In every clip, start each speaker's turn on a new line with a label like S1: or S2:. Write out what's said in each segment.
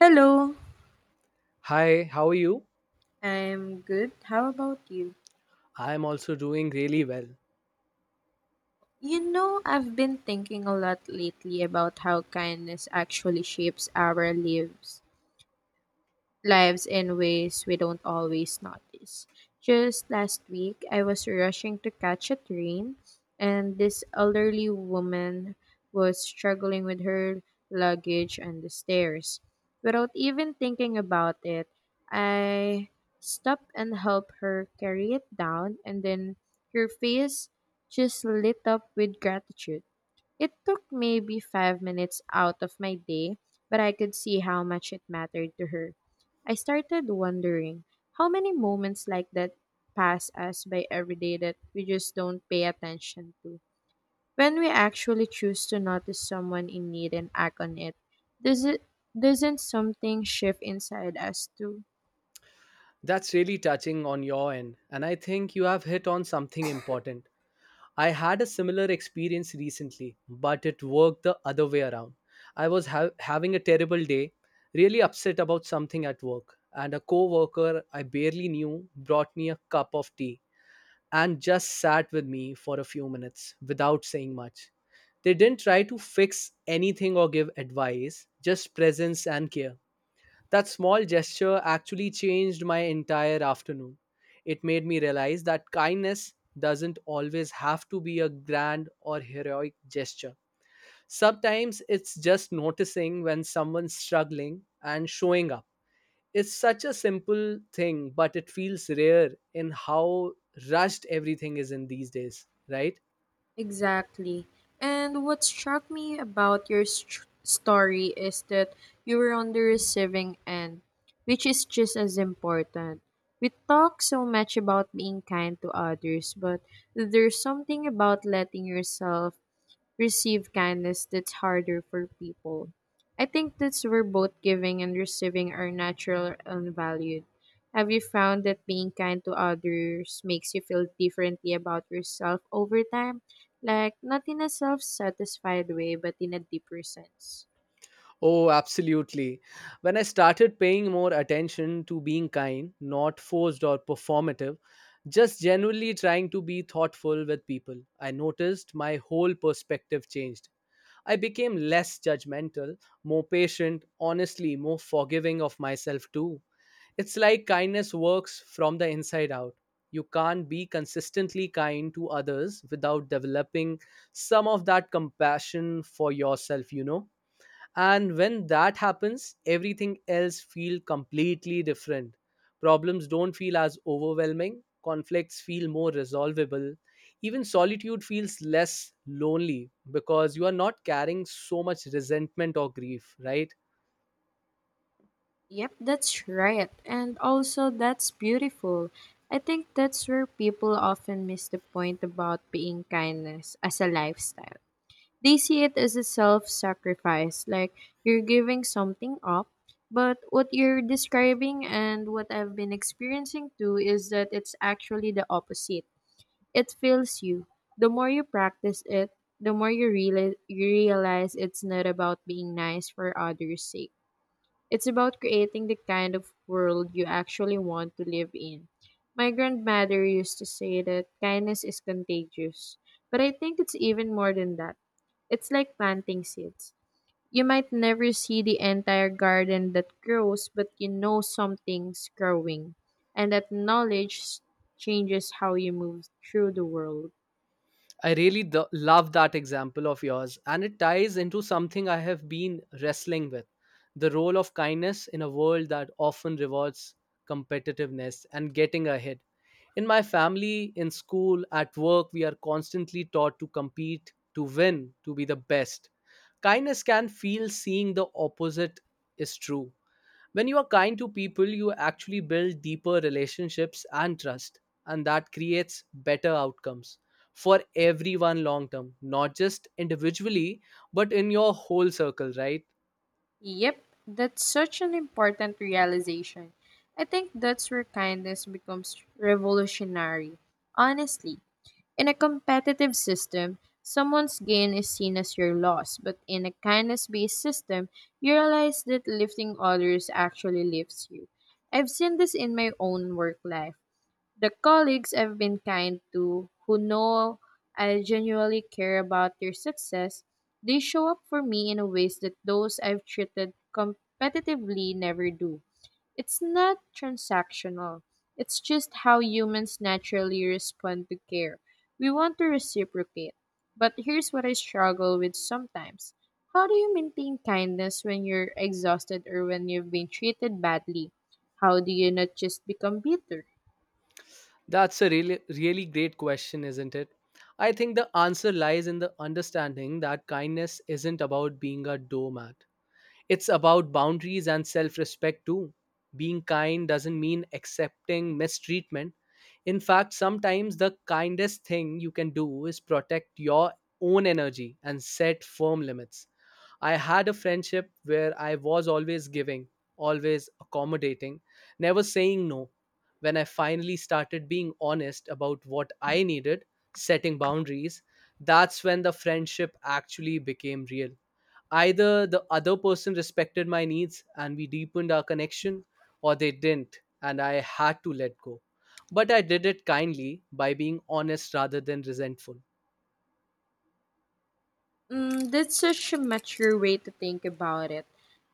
S1: Hello,
S2: Hi, how are you?
S1: I'm good. How about you?
S2: I am also doing really well.
S1: I've been thinking a lot lately about how kindness actually shapes our lives in ways we don't always notice. Just last week, I was rushing to catch a train, and this elderly woman was struggling with her luggage on the stairs. Without even thinking about it, I stopped and helped her carry it down, and then her face just lit up with gratitude. It took maybe 5 minutes out of my day, but I could see how much it mattered to her. I started wondering how many moments like that pass us by every day that we just don't pay attention to. When we actually choose to notice someone in need and act on it, does it doesn't something shift inside us too?
S2: That's really touching on your end, and I think you have hit on something important. I had a similar experience recently, but it worked the other way around. I was having a terrible day, really upset about something at work, and a coworker I barely knew brought me a cup of tea and just sat with me for a few minutes without saying much. They didn't try to fix anything or give advice, just presence and care. That small gesture actually changed my entire afternoon. It made me realize that kindness doesn't always have to be a grand or heroic gesture. Sometimes it's just noticing when someone's struggling and showing up. It's such a simple thing, but it feels rare in how rushed everything is in these days, right?
S1: Exactly. And what struck me about your story is that you were on the receiving end, which is just as important. We talk so much about being kind to others, but there's something about letting yourself receive kindness that's harder for people. I think that's where both giving and receiving are natural and valued. Have you found that being kind to others makes you feel differently about yourself over time? Like, not in a self satisfied way, but in a deeper sense.
S2: Oh, absolutely. When I started paying more attention to being kind, not forced or performative, just genuinely trying to be thoughtful with people, I noticed my whole perspective changed. I became less judgmental, more patient, honestly, more forgiving of myself too. It's like kindness works from the inside out. You can't be consistently kind to others without developing some of that compassion for yourself, you know? And when that happens, everything else feel completely different. Problems don't feel as overwhelming, conflicts feel more resolvable, even solitude feels less lonely because you are not carrying so much resentment or grief, right?
S1: Yep, that's right. And also, that's beautiful. I think that's where people often miss the point about being kindness as a lifestyle. They see it as a self sacrifice, like you're giving something up. But what you're describing and what I've been experiencing too is that it's actually the opposite. It fills you. The more you practice it, the more you realize it's not about being nice for others' sake, it's about creating the kind of world you actually want to live in. My grandmother used to say that kindness is contagious, but I think it's even more than that. It's like planting seeds. You might never see the entire garden that grows, but you know something's growing, and that knowledge changes how you move through the world.
S2: I really love that example of yours, and it ties into something I have been wrestling with, the role of kindness in a world that often rewards competitiveness and getting ahead. In my family, in school, at work, we are constantly taught to compete, to win, to be the best. Kindness can feel seeing the opposite is true. When you are kind to people, you actually build deeper relationships and trust, and that creates better outcomes for everyone long term, not just individually, but in your whole circle, right?
S1: Yep, that's such an important realization. I think that's where kindness becomes revolutionary. Honestly, in a competitive system, someone's gain is seen as your loss, but in a kindness based system, you realize that lifting others actually lifts you. I've seen this in my own work life. The colleagues I've been kind to, who know I genuinely care about their success, they show up for me in ways that those I've treated competitively never do. It's not transactional, it's just how humans naturally respond to care. We want to reciprocate. But here's what I struggle with sometimes. How do you maintain kindness when you're exhausted or when you've been treated badly? How do you not just become bitter?
S2: That's a really, really great question, isn't it? I think the answer lies in the understanding that kindness isn't about being a doormat. It's about boundaries and self respect too. Being kind doesn't mean accepting mistreatment. In fact, sometimes the kindest thing you can do is protect your own energy and set firm limits. I had a friendship where I was always giving, always accommodating, never saying no. When I finally started being honest about what I needed, setting boundaries, that's when the friendship actually became real. Either the other person respected my needs and we deepened our connection, or they didn't and I had to let go. But I did it kindly by being honest rather than resentful.
S1: Mm, that's such a mature way to think about it.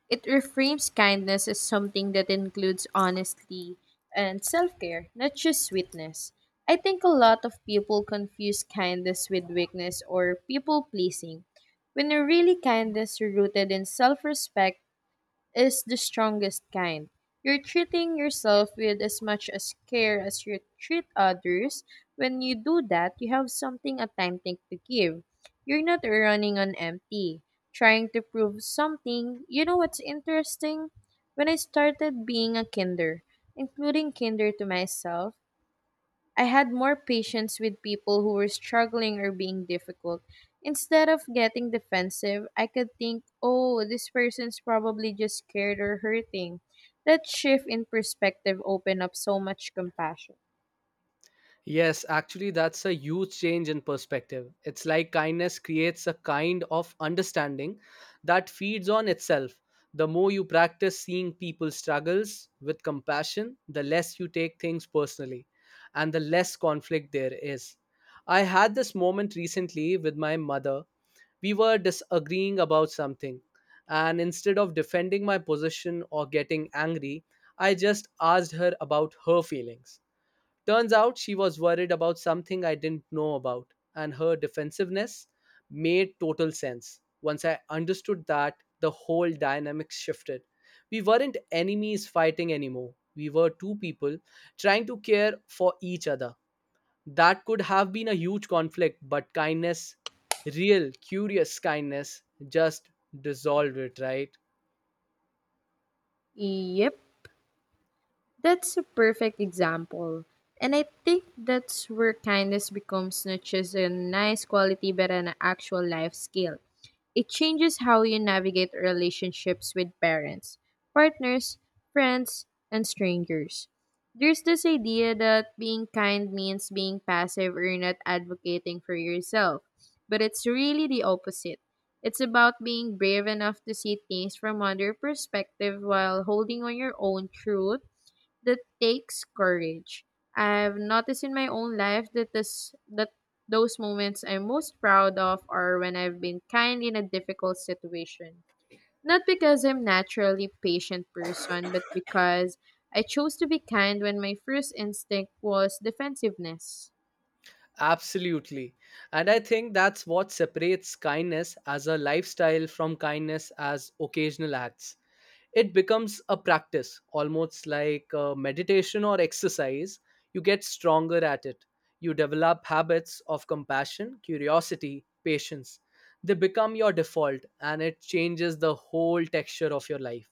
S1: It reframes kindness as something that includes honesty and self care, not just sweetness. I think a lot of people confuse kindness with weakness or people pleasing. When really kindness is rooted in self respect is the strongest kind. You're treating yourself with as much as care as you treat others. When you do that, you have something authentic to give. You're not running on empty, trying to prove something. You know what's interesting? When I started being a kinder, including kinder to myself, I had more patience with people who were struggling or being difficult. Instead of getting defensive, I could think, oh, this person's probably just scared or hurting. That shift in perspective opened up so much compassion.
S2: Yes, actually, that's a huge change in perspective. It's like kindness creates a kind of understanding that feeds on itself. The more you practice seeing people's struggles with compassion, the less you take things personally and the less conflict there is. I had this moment recently with my mother. We were disagreeing about something, and instead of defending my position or getting angry, I just asked her about her feelings. Turns out she was worried about something I didn't know about, and her defensiveness made total sense. Once I understood that, the whole dynamic shifted. We weren't enemies fighting anymore. We were two people trying to care for each other. That could have been a huge conflict, but kindness, real, curious kindness, just dissolved it, right?
S1: Yep, that's a perfect example. And I think that's where kindness becomes not just a nice quality but an actual life skill. It changes how you navigate relationships with parents, partners, friends, and strangers. There's this idea that being kind means being passive or not advocating for yourself, but it's really the opposite. It's about being brave enough to see things from other perspective while holding on your own truth that takes courage. I've noticed in my own life that those moments I'm most proud of are when I've been kind in a difficult situation. Not because I'm naturally patient person, but because I chose to be kind when my first instinct was defensiveness.
S2: Absolutely. And I think that's what separates kindness as a lifestyle from kindness as occasional acts. It becomes a practice, almost like meditation or exercise. You get stronger at it. You develop habits of compassion, curiosity, patience. They become your default and it changes the whole texture of your life.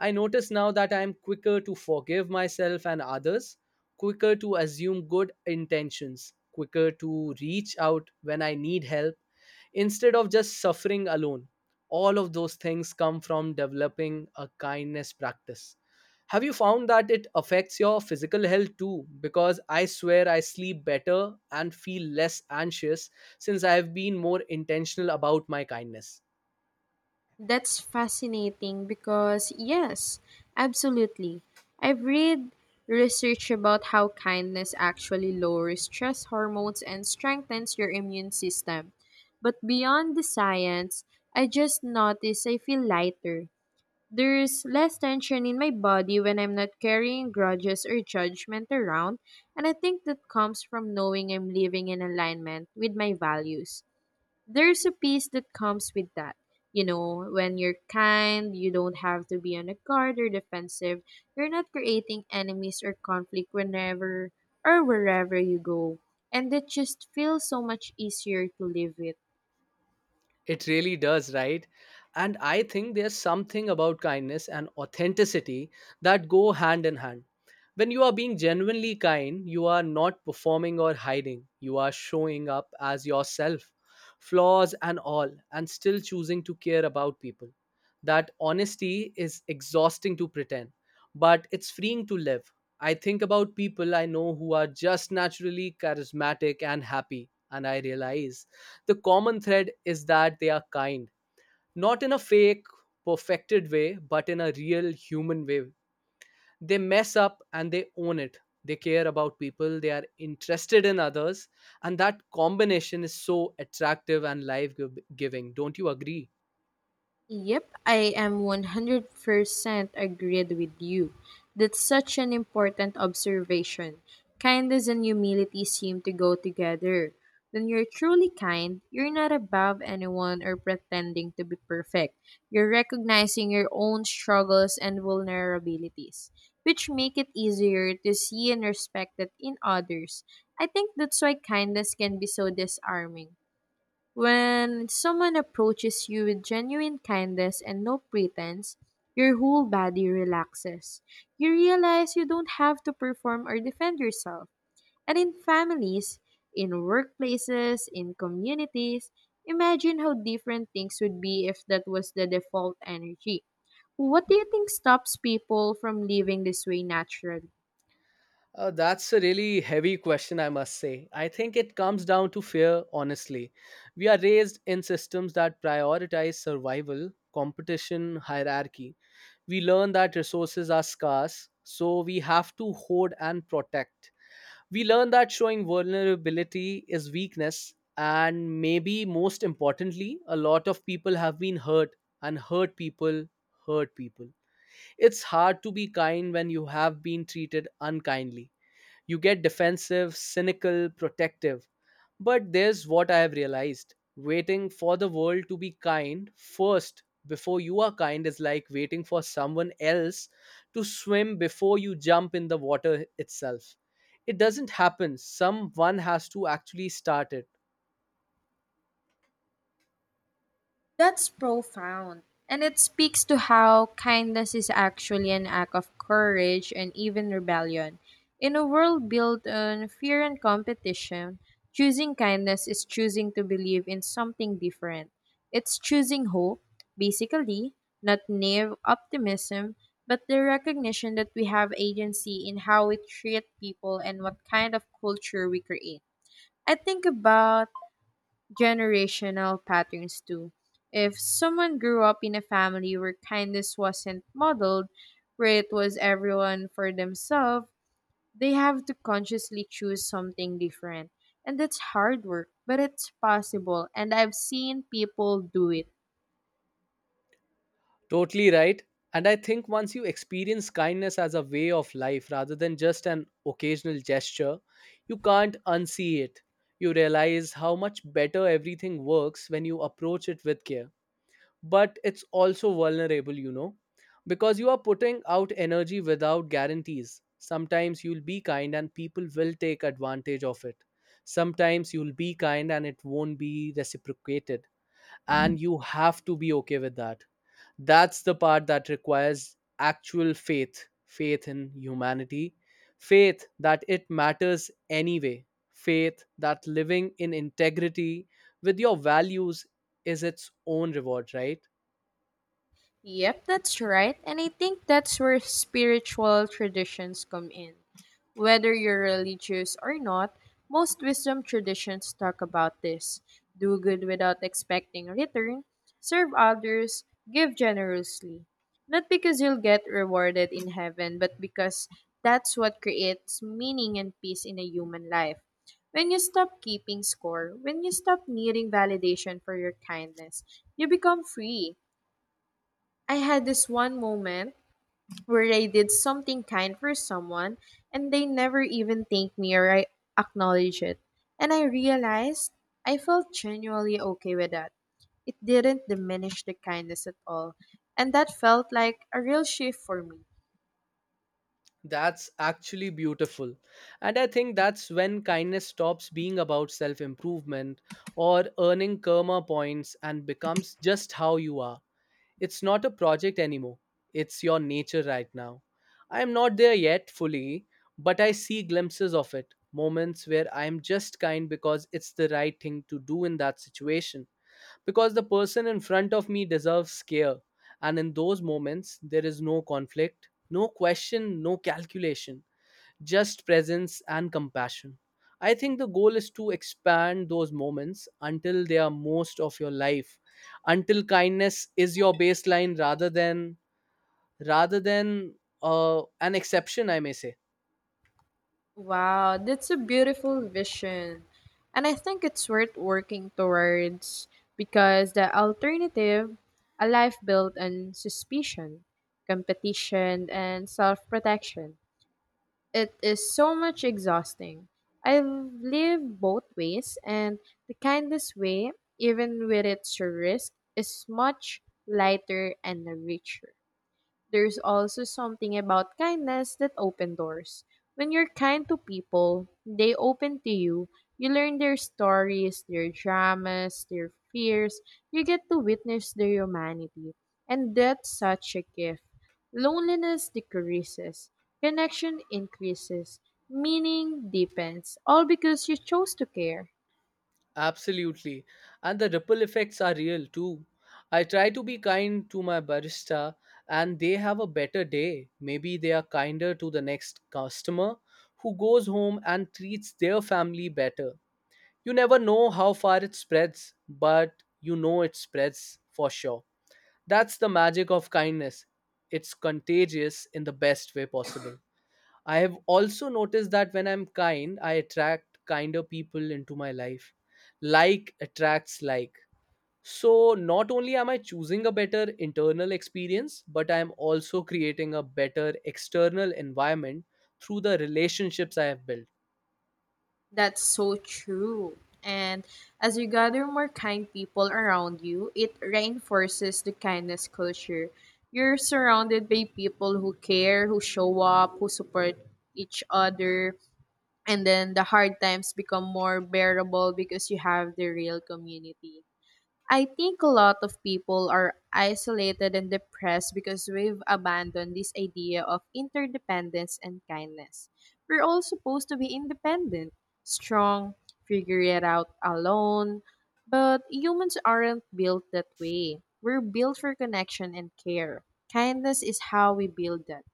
S2: I notice now that I am quicker to forgive myself and others, quicker to assume good intentions, quicker to reach out when I need help instead of just suffering alone. All of those things come from developing a kindness practice. Have you found that it affects your physical health too? Because I swear I sleep better and feel less anxious since I have been more intentional about my kindness.
S1: That's fascinating because, yes, absolutely. I've read research about how kindness actually lowers stress hormones and strengthens your immune system. But beyond the science, I just notice I feel lighter. There's less tension in my body when I'm not carrying grudges or judgment around, and I think that comes from knowing I'm living in alignment with my values. There's a peace that comes with that. You know, when you're kind, you don't have to be on a guard or defensive. You're not creating enemies or conflict whenever or wherever you go. And it just feels so much easier to live with.
S2: It really does, right? And I think there's something about kindness and authenticity that go hand in hand. When you are being genuinely kind, you are not performing or hiding. You are showing up as yourself, flaws and all, and still choosing to care about people. That honesty is exhausting to pretend, but it's freeing to live. I think about people I know who are just naturally charismatic and happy, and I realize the common thread is that they are kind, not in a fake, perfected way, but in a real human way. They mess up and they own it. They care about people, they are interested in others, and that combination is so attractive and life giving. Don't you agree?
S1: Yep, I am 100% agreed with you. That's such an important observation. Kindness and humility seem to go together. When you're truly kind, you're not above anyone or pretending to be perfect. You're recognizing your own struggles and vulnerabilities, which make it easier to see and respect that in others. I think that's why kindness can be so disarming. When someone approaches you with genuine kindness and no pretense, your whole body relaxes. You realize you don't have to perform or defend yourself. And in families, in workplaces, in communities, imagine how different things would be if that was the default energy. What do you think stops people from living this way naturally?
S2: That's a really heavy question, I must say. I think it comes down to fear, honestly. We are raised in systems that prioritize survival, competition, hierarchy. We learn that resources are scarce, so we have to hoard and protect. We learn that showing vulnerability is weakness, and maybe most importantly, a lot of people have been hurt, and hurt people hurt people. It's hard to be kind when you have been treated unkindly. You get defensive, cynical, protective. But there's what I have realized, waiting for the world to be kind first before you are kind is like waiting for someone else to swim before you jump in the water itself. It doesn't happen, someone has to actually start it.
S1: That's profound. And it speaks to how kindness is actually an act of courage and even rebellion. In a world built on fear and competition, choosing kindness is choosing to believe in something different. It's choosing hope, basically, not naive optimism, but the recognition that we have agency in how we treat people and what kind of culture we create. I think about generational patterns too. If someone grew up in a family where kindness wasn't modeled, where it was everyone for themselves, they have to consciously choose something different. And that's hard work, but it's possible, and I've seen people do it.
S2: Totally right. And I think once you experience kindness as a way of life rather than just an occasional gesture, you can't unsee it. You realize how much better everything works when you approach it with care. But it's also vulnerable, you know, because you are putting out energy without guarantees. Sometimes you'll be kind and people will take advantage of it. Sometimes you'll be kind and it won't be reciprocated. And you have to be okay with that. That's the part that requires actual faith, faith in humanity, faith that it matters anyway, faith that living in integrity with your values is its own reward, right?
S1: Yep, that's right. And I think that's where spiritual traditions come in. Whether you're religious or not, most wisdom traditions talk about this do good without expecting a return, serve others, give generously. Not because you'll get rewarded in heaven, but because that's what creates meaning and peace in a human life. When you stop keeping score, when you stop needing validation for your kindness, you become free. I had this one moment where I did something kind for someone and they never even thanked me or I acknowledged it. And I realized I felt genuinely okay with that. It didn't diminish the kindness at all. And that felt like a real shift for me.
S2: That's actually beautiful. And I think that's when kindness stops being about self improvement or earning karma points and becomes just how you are. It's not a project anymore, it's your nature right now. I am not there yet fully, but I see glimpses of it, moments where I am just kind because it's the right thing to do in that situation, because the person in front of me deserves care. And in those moments, there is no conflict, no question, no calculation, just presence and compassion. I think the goal is to expand those moments until they are most of your life, until kindness is your baseline rather than an exception, I may say.
S1: Wow, that's a beautiful vision. And I think it's worth working towards because the alternative, a life built on suspicion, competition, and self protection, it is so much exhausting. I've lived both ways, and the kindest way, even with its risk, is much lighter and richer. There's also something about kindness that open doors. When you're kind to people, they open to you. You learn their stories, their dramas, their fears. You get to witness their humanity. And that's such a gift. Loneliness decreases, connection increases, meaning deepens, all because you chose to care.
S2: Absolutely. And the ripple effects are real too. I try to be kind to my barista and they have a better day. Maybe they are kinder to the next customer who goes home and treats their family better. You never know how far it spreads, but you know it spreads for sure. That's the magic of kindness. It's contagious in the best way possible. I have also noticed that when I'm kind, I attract kinder people into my life. Like attracts like. So, not only am I choosing a better internal experience, but I am also creating a better external environment through the relationships I have built.
S1: That's so true. And as you gather more kind people around you, it reinforces the kindness culture. You're surrounded by people who care, who show up, who support each other, and then the hard times become more bearable because you have the real community. I think a lot of people are isolated and depressed because we've abandoned this idea of interdependence and kindness. We're all supposed to be independent, strong, figure it out alone. But humans aren't built that way. We're built for connection and care. Kindness is how we build that.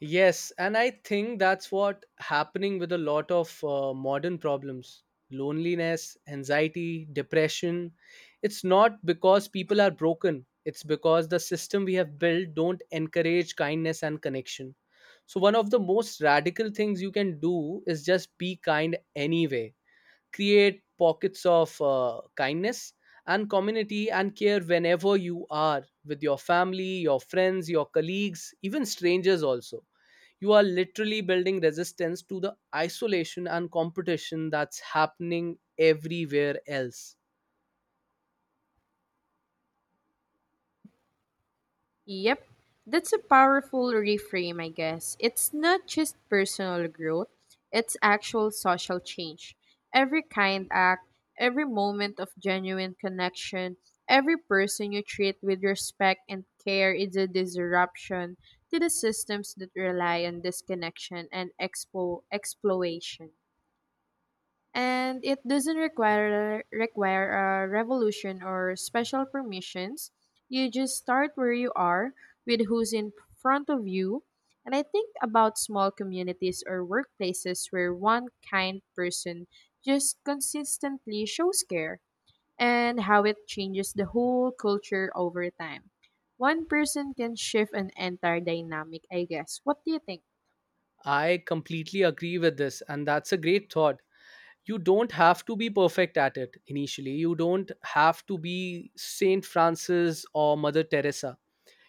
S2: Yes, and I think that's what happening with a lot of modern problems. Loneliness, anxiety, depression. It's not because people are broken. It's because the system we have built don't encourage kindness and connection. So one of the most radical things you can do is just be kind anyway. Create pockets of kindness and community and care whenever you are with your family, your friends, your colleagues, even strangers also. You are literally building resistance to the isolation and competition that's happening everywhere else.
S1: Yep, that's a powerful reframe, I guess. It's not just personal growth, it's actual social change. Every kind act, every moment of genuine connection, every person you treat with respect and care is a disruption to the systems that rely on disconnection and exploitation, and it doesn't require a revolution or special permissions. You just start where you are with who's in front of you. And I think about small communities or workplaces where one kind person just consistently shows care and how it changes the whole culture over time. One person can shift an entire dynamic, I guess. What do you think?
S2: I completely agree with this, and that's a great thought. You don't have to be perfect at it initially. You don't have to be Saint Francis or Mother Teresa.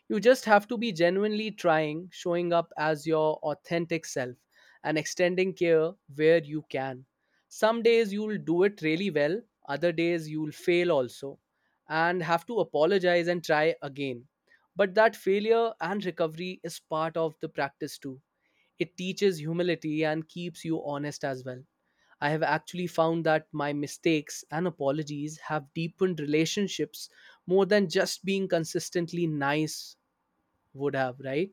S2: You just have to be genuinely trying, showing up as your authentic self, and extending care where you can. Some days you'll do it really well, other days you'll fail also, and have to apologize and try again. But that failure and recovery is part of the practice too. It teaches humility and keeps you honest as well. I have actually found that my mistakes and apologies have deepened relationships more than just being consistently nice would have, right?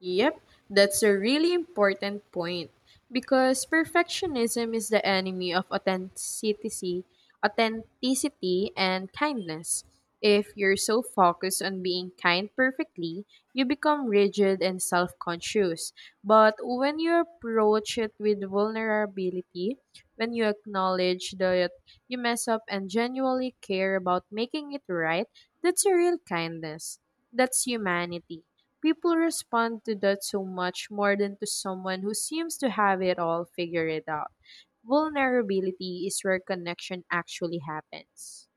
S1: Yep, that's a really important point because perfectionism is the enemy of authenticity, authenticity and kindness. If you're so focused on being kind perfectly, you become rigid and self-conscious. But when you approach it with vulnerability, when you acknowledge that you mess up and genuinely care about making it right, that's a real kindness. That's humanity. People respond to that so much more than to someone who seems to have it all figured out. Vulnerability is where connection actually happens.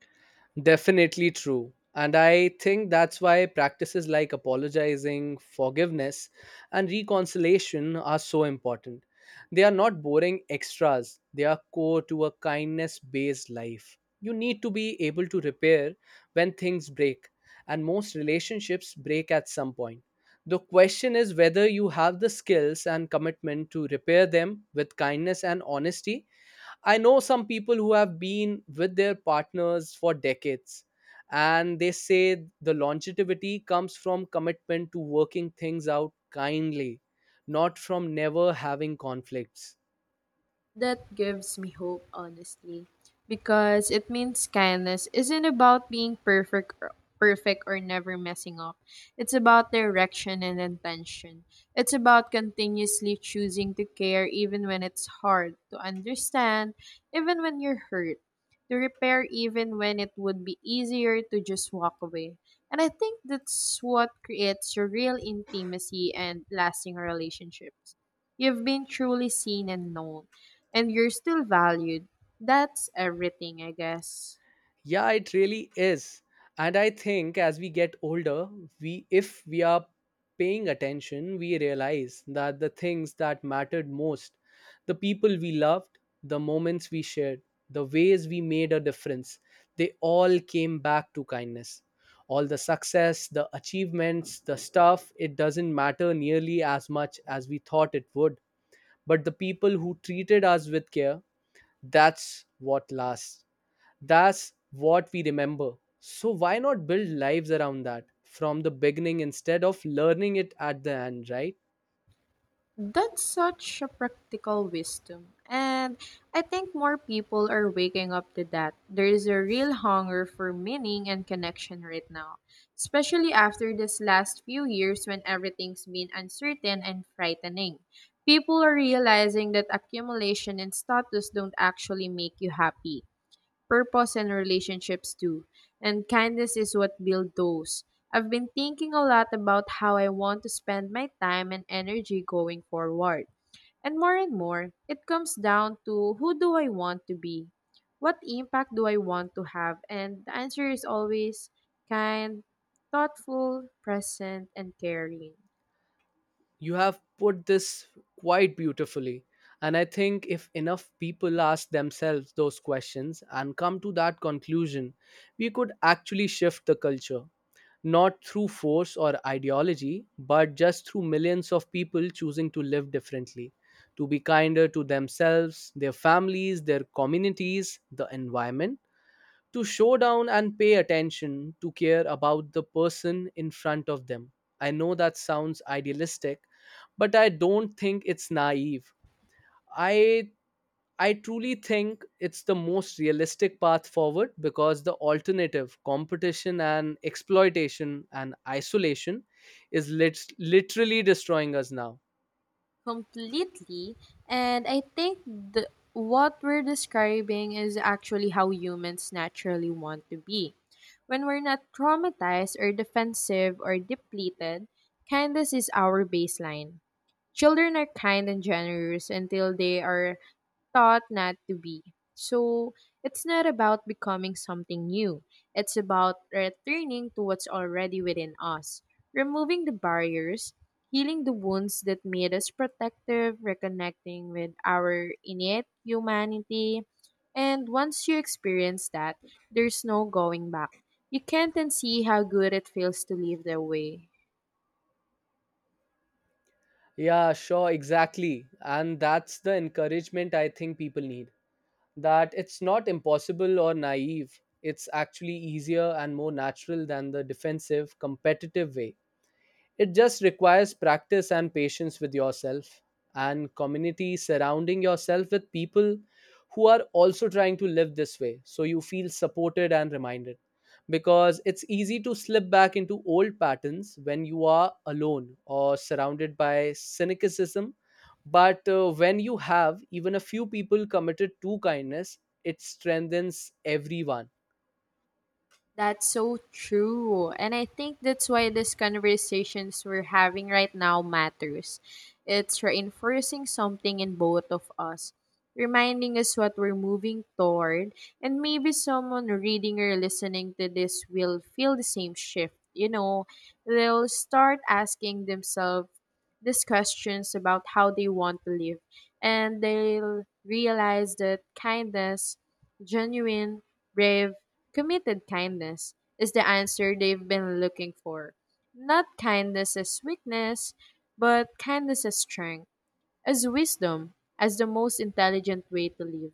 S2: Definitely true. And I think that's why practices like apologizing, forgiveness, and reconciliation are so important. They are not boring extras, they are core to a kindness based life. You need to be able to repair when things break, and most relationships break at some point. The question is whether you have the skills and commitment to repair them with kindness and honesty. I know some people who have been with their partners for decades, and they say the longevity comes from commitment to working things out kindly, not from never having conflicts.
S1: That gives me hope, honestly, because it means kindness isn't about being perfect or never messing up. It's about direction and intention. It's about continuously choosing to care even when it's hard, to understand even when you're hurt, to repair even when it would be easier to just walk away. And I think that's what creates a real intimacy and lasting relationships. You've been truly seen and known and you're still valued. That's everything, I guess.
S2: Yeah, it really is. And I think as we get older, we if we are paying attention, we realize that the things that mattered most, the people we loved, the moments we shared, the ways we made a difference, they all came back to kindness. All the success, the achievements, the stuff, it doesn't matter nearly as much as we thought it would. But the people who treated us with care, that's what lasts, that's what we remember. So why not build lives around that from the beginning instead of learning it at the end, right?
S1: That's such a practical wisdom. And I think more people are waking up to that. There is a real hunger for meaning and connection right now, especially after this last few years when everything's been uncertain and frightening. People are realizing that accumulation and status don't actually make you happy. Purpose, and relationships too. And kindness is what build those. I've been thinking a lot about how I want to spend my time and energy going forward. And more, it comes down to who do I want to be? What impact do I want to have? And the answer is always kind, thoughtful, present, and caring.
S2: You have put this quite beautifully. And I think if enough people ask themselves those questions and come to that conclusion, we could actually shift the culture. Not through force or ideology, but just through millions of people choosing to live differently, to be kinder to themselves, their families, their communities, the environment, to show down and pay attention to care about the person in front of them. I know that sounds idealistic, but I don't think it's naive. I I truly think it's the most realistic path forward because the alternative, competition and exploitation and isolation, is literally destroying us now.
S1: Completely, and what we're describing is actually how humans naturally want to be when we're not traumatized or defensive or depleted. Kindness is our baseline. Children are kind and generous until they are taught not to be. So it's not about becoming something new, it's about returning to what's already within us, removing the barriers, healing the wounds that made us protective, reconnecting with our innate humanity. And once you experience that, there's no going back. You can't unsee how good it feels to live that way.
S2: Yeah, sure, exactly. And that's the encouragement I think people need. That it's not impossible or naive. It's actually easier and more natural than the defensive, competitive way. It just requires practice and patience with yourself and community, surrounding yourself with people who are also trying to live this way so you feel supported and reminded. Because it's easy to slip back into old patterns when you are alone or surrounded by cynicism. But when you have even a few people committed to kindness, it strengthens everyone.
S1: That's so true. And I think that's why these conversations we're having right now matters. It's reinforcing something in both of us, reminding us what we're moving toward, and maybe someone reading or listening to this will feel the same shift. They'll start asking themselves these questions about how they want to live, and they'll realize that kindness, genuine, brave, committed kindness is the answer they've been looking for. Not kindness as weakness, but kindness as strength, as wisdom, as the most intelligent way to live.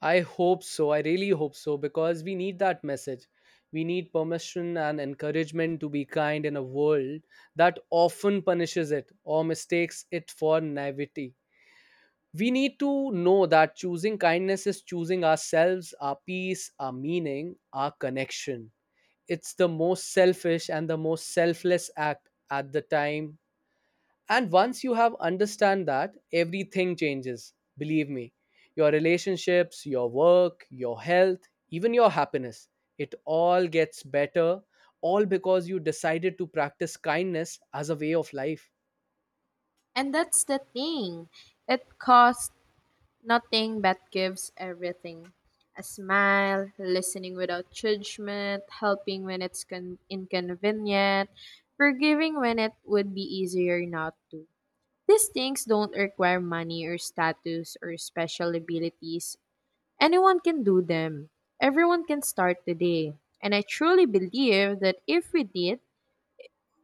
S2: I hope so. I really hope so, because we need that message. We need permission and encouragement to be kind in a world that often punishes it or mistakes it for naivety. We need to know that choosing kindness is choosing ourselves, our peace, our meaning, our connection. It's the most selfish and the most selfless act at the time, and once you have understand that, everything changes. Believe me, your relationships, your work, your health, even your happiness, it all gets better, all because you decided to practice kindness as a way of life.
S1: And that's the thing. It costs nothing but gives everything. A smile, listening without judgment, helping when it's inconvenient, forgiving when it would be easier not to. These things don't require money or status or special abilities. Anyone can do them. Everyone can start today. And I truly believe that if we did,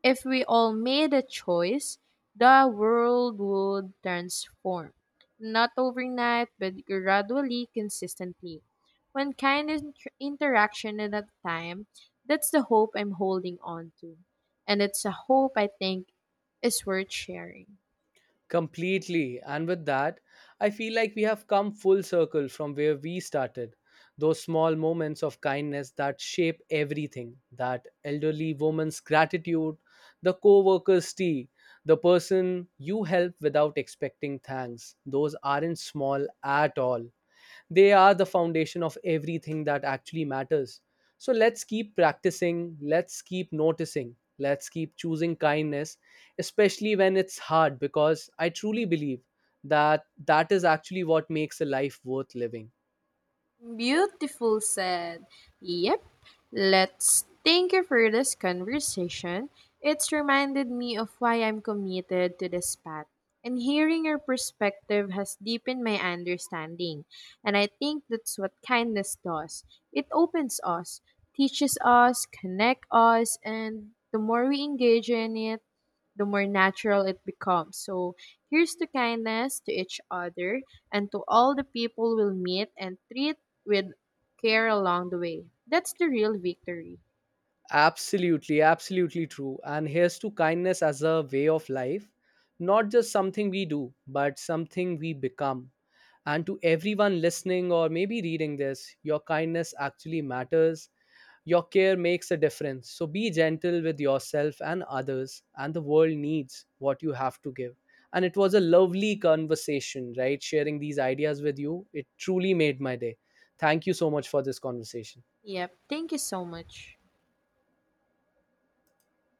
S1: if we all made a choice, the world would transform. Not overnight, but gradually, consistently. One kind interaction at a time, that's the hope I'm holding on to. And it's a hope I think is worth sharing.
S2: Completely. And with that, I feel like we have come full circle from where we started. Those small moments of kindness that shape everything, that elderly woman's gratitude, the co worker's tea, the person you help without expecting thanks. Those aren't small at all. They are the foundation of everything that actually matters. So let's keep practicing, let's keep noticing, let's keep choosing kindness, especially when it's hard, because I truly believe that that is actually what makes a life worth living.
S1: Beautiful said. Yep. Let's thank you for this conversation. It's reminded me of why I'm committed to this path. And hearing your perspective has deepened my understanding. And I think that's what kindness does. It opens us, teaches us, connects us, and the more we engage in it, the more natural it becomes. So here's to kindness to each other and to all the people we'll meet and treat with care along the way. That's the real victory.
S2: Absolutely, absolutely true. And here's to kindness as a way of life, not just something we do, but something we become. And to everyone listening or maybe reading this, your kindness actually matters. Your care makes a difference. So be gentle with yourself and others, and the world needs what you have to give. And it was a lovely conversation, right? Sharing these ideas with you, it truly made my day. Thank you so much for this conversation.
S1: Yep. Thank you so much.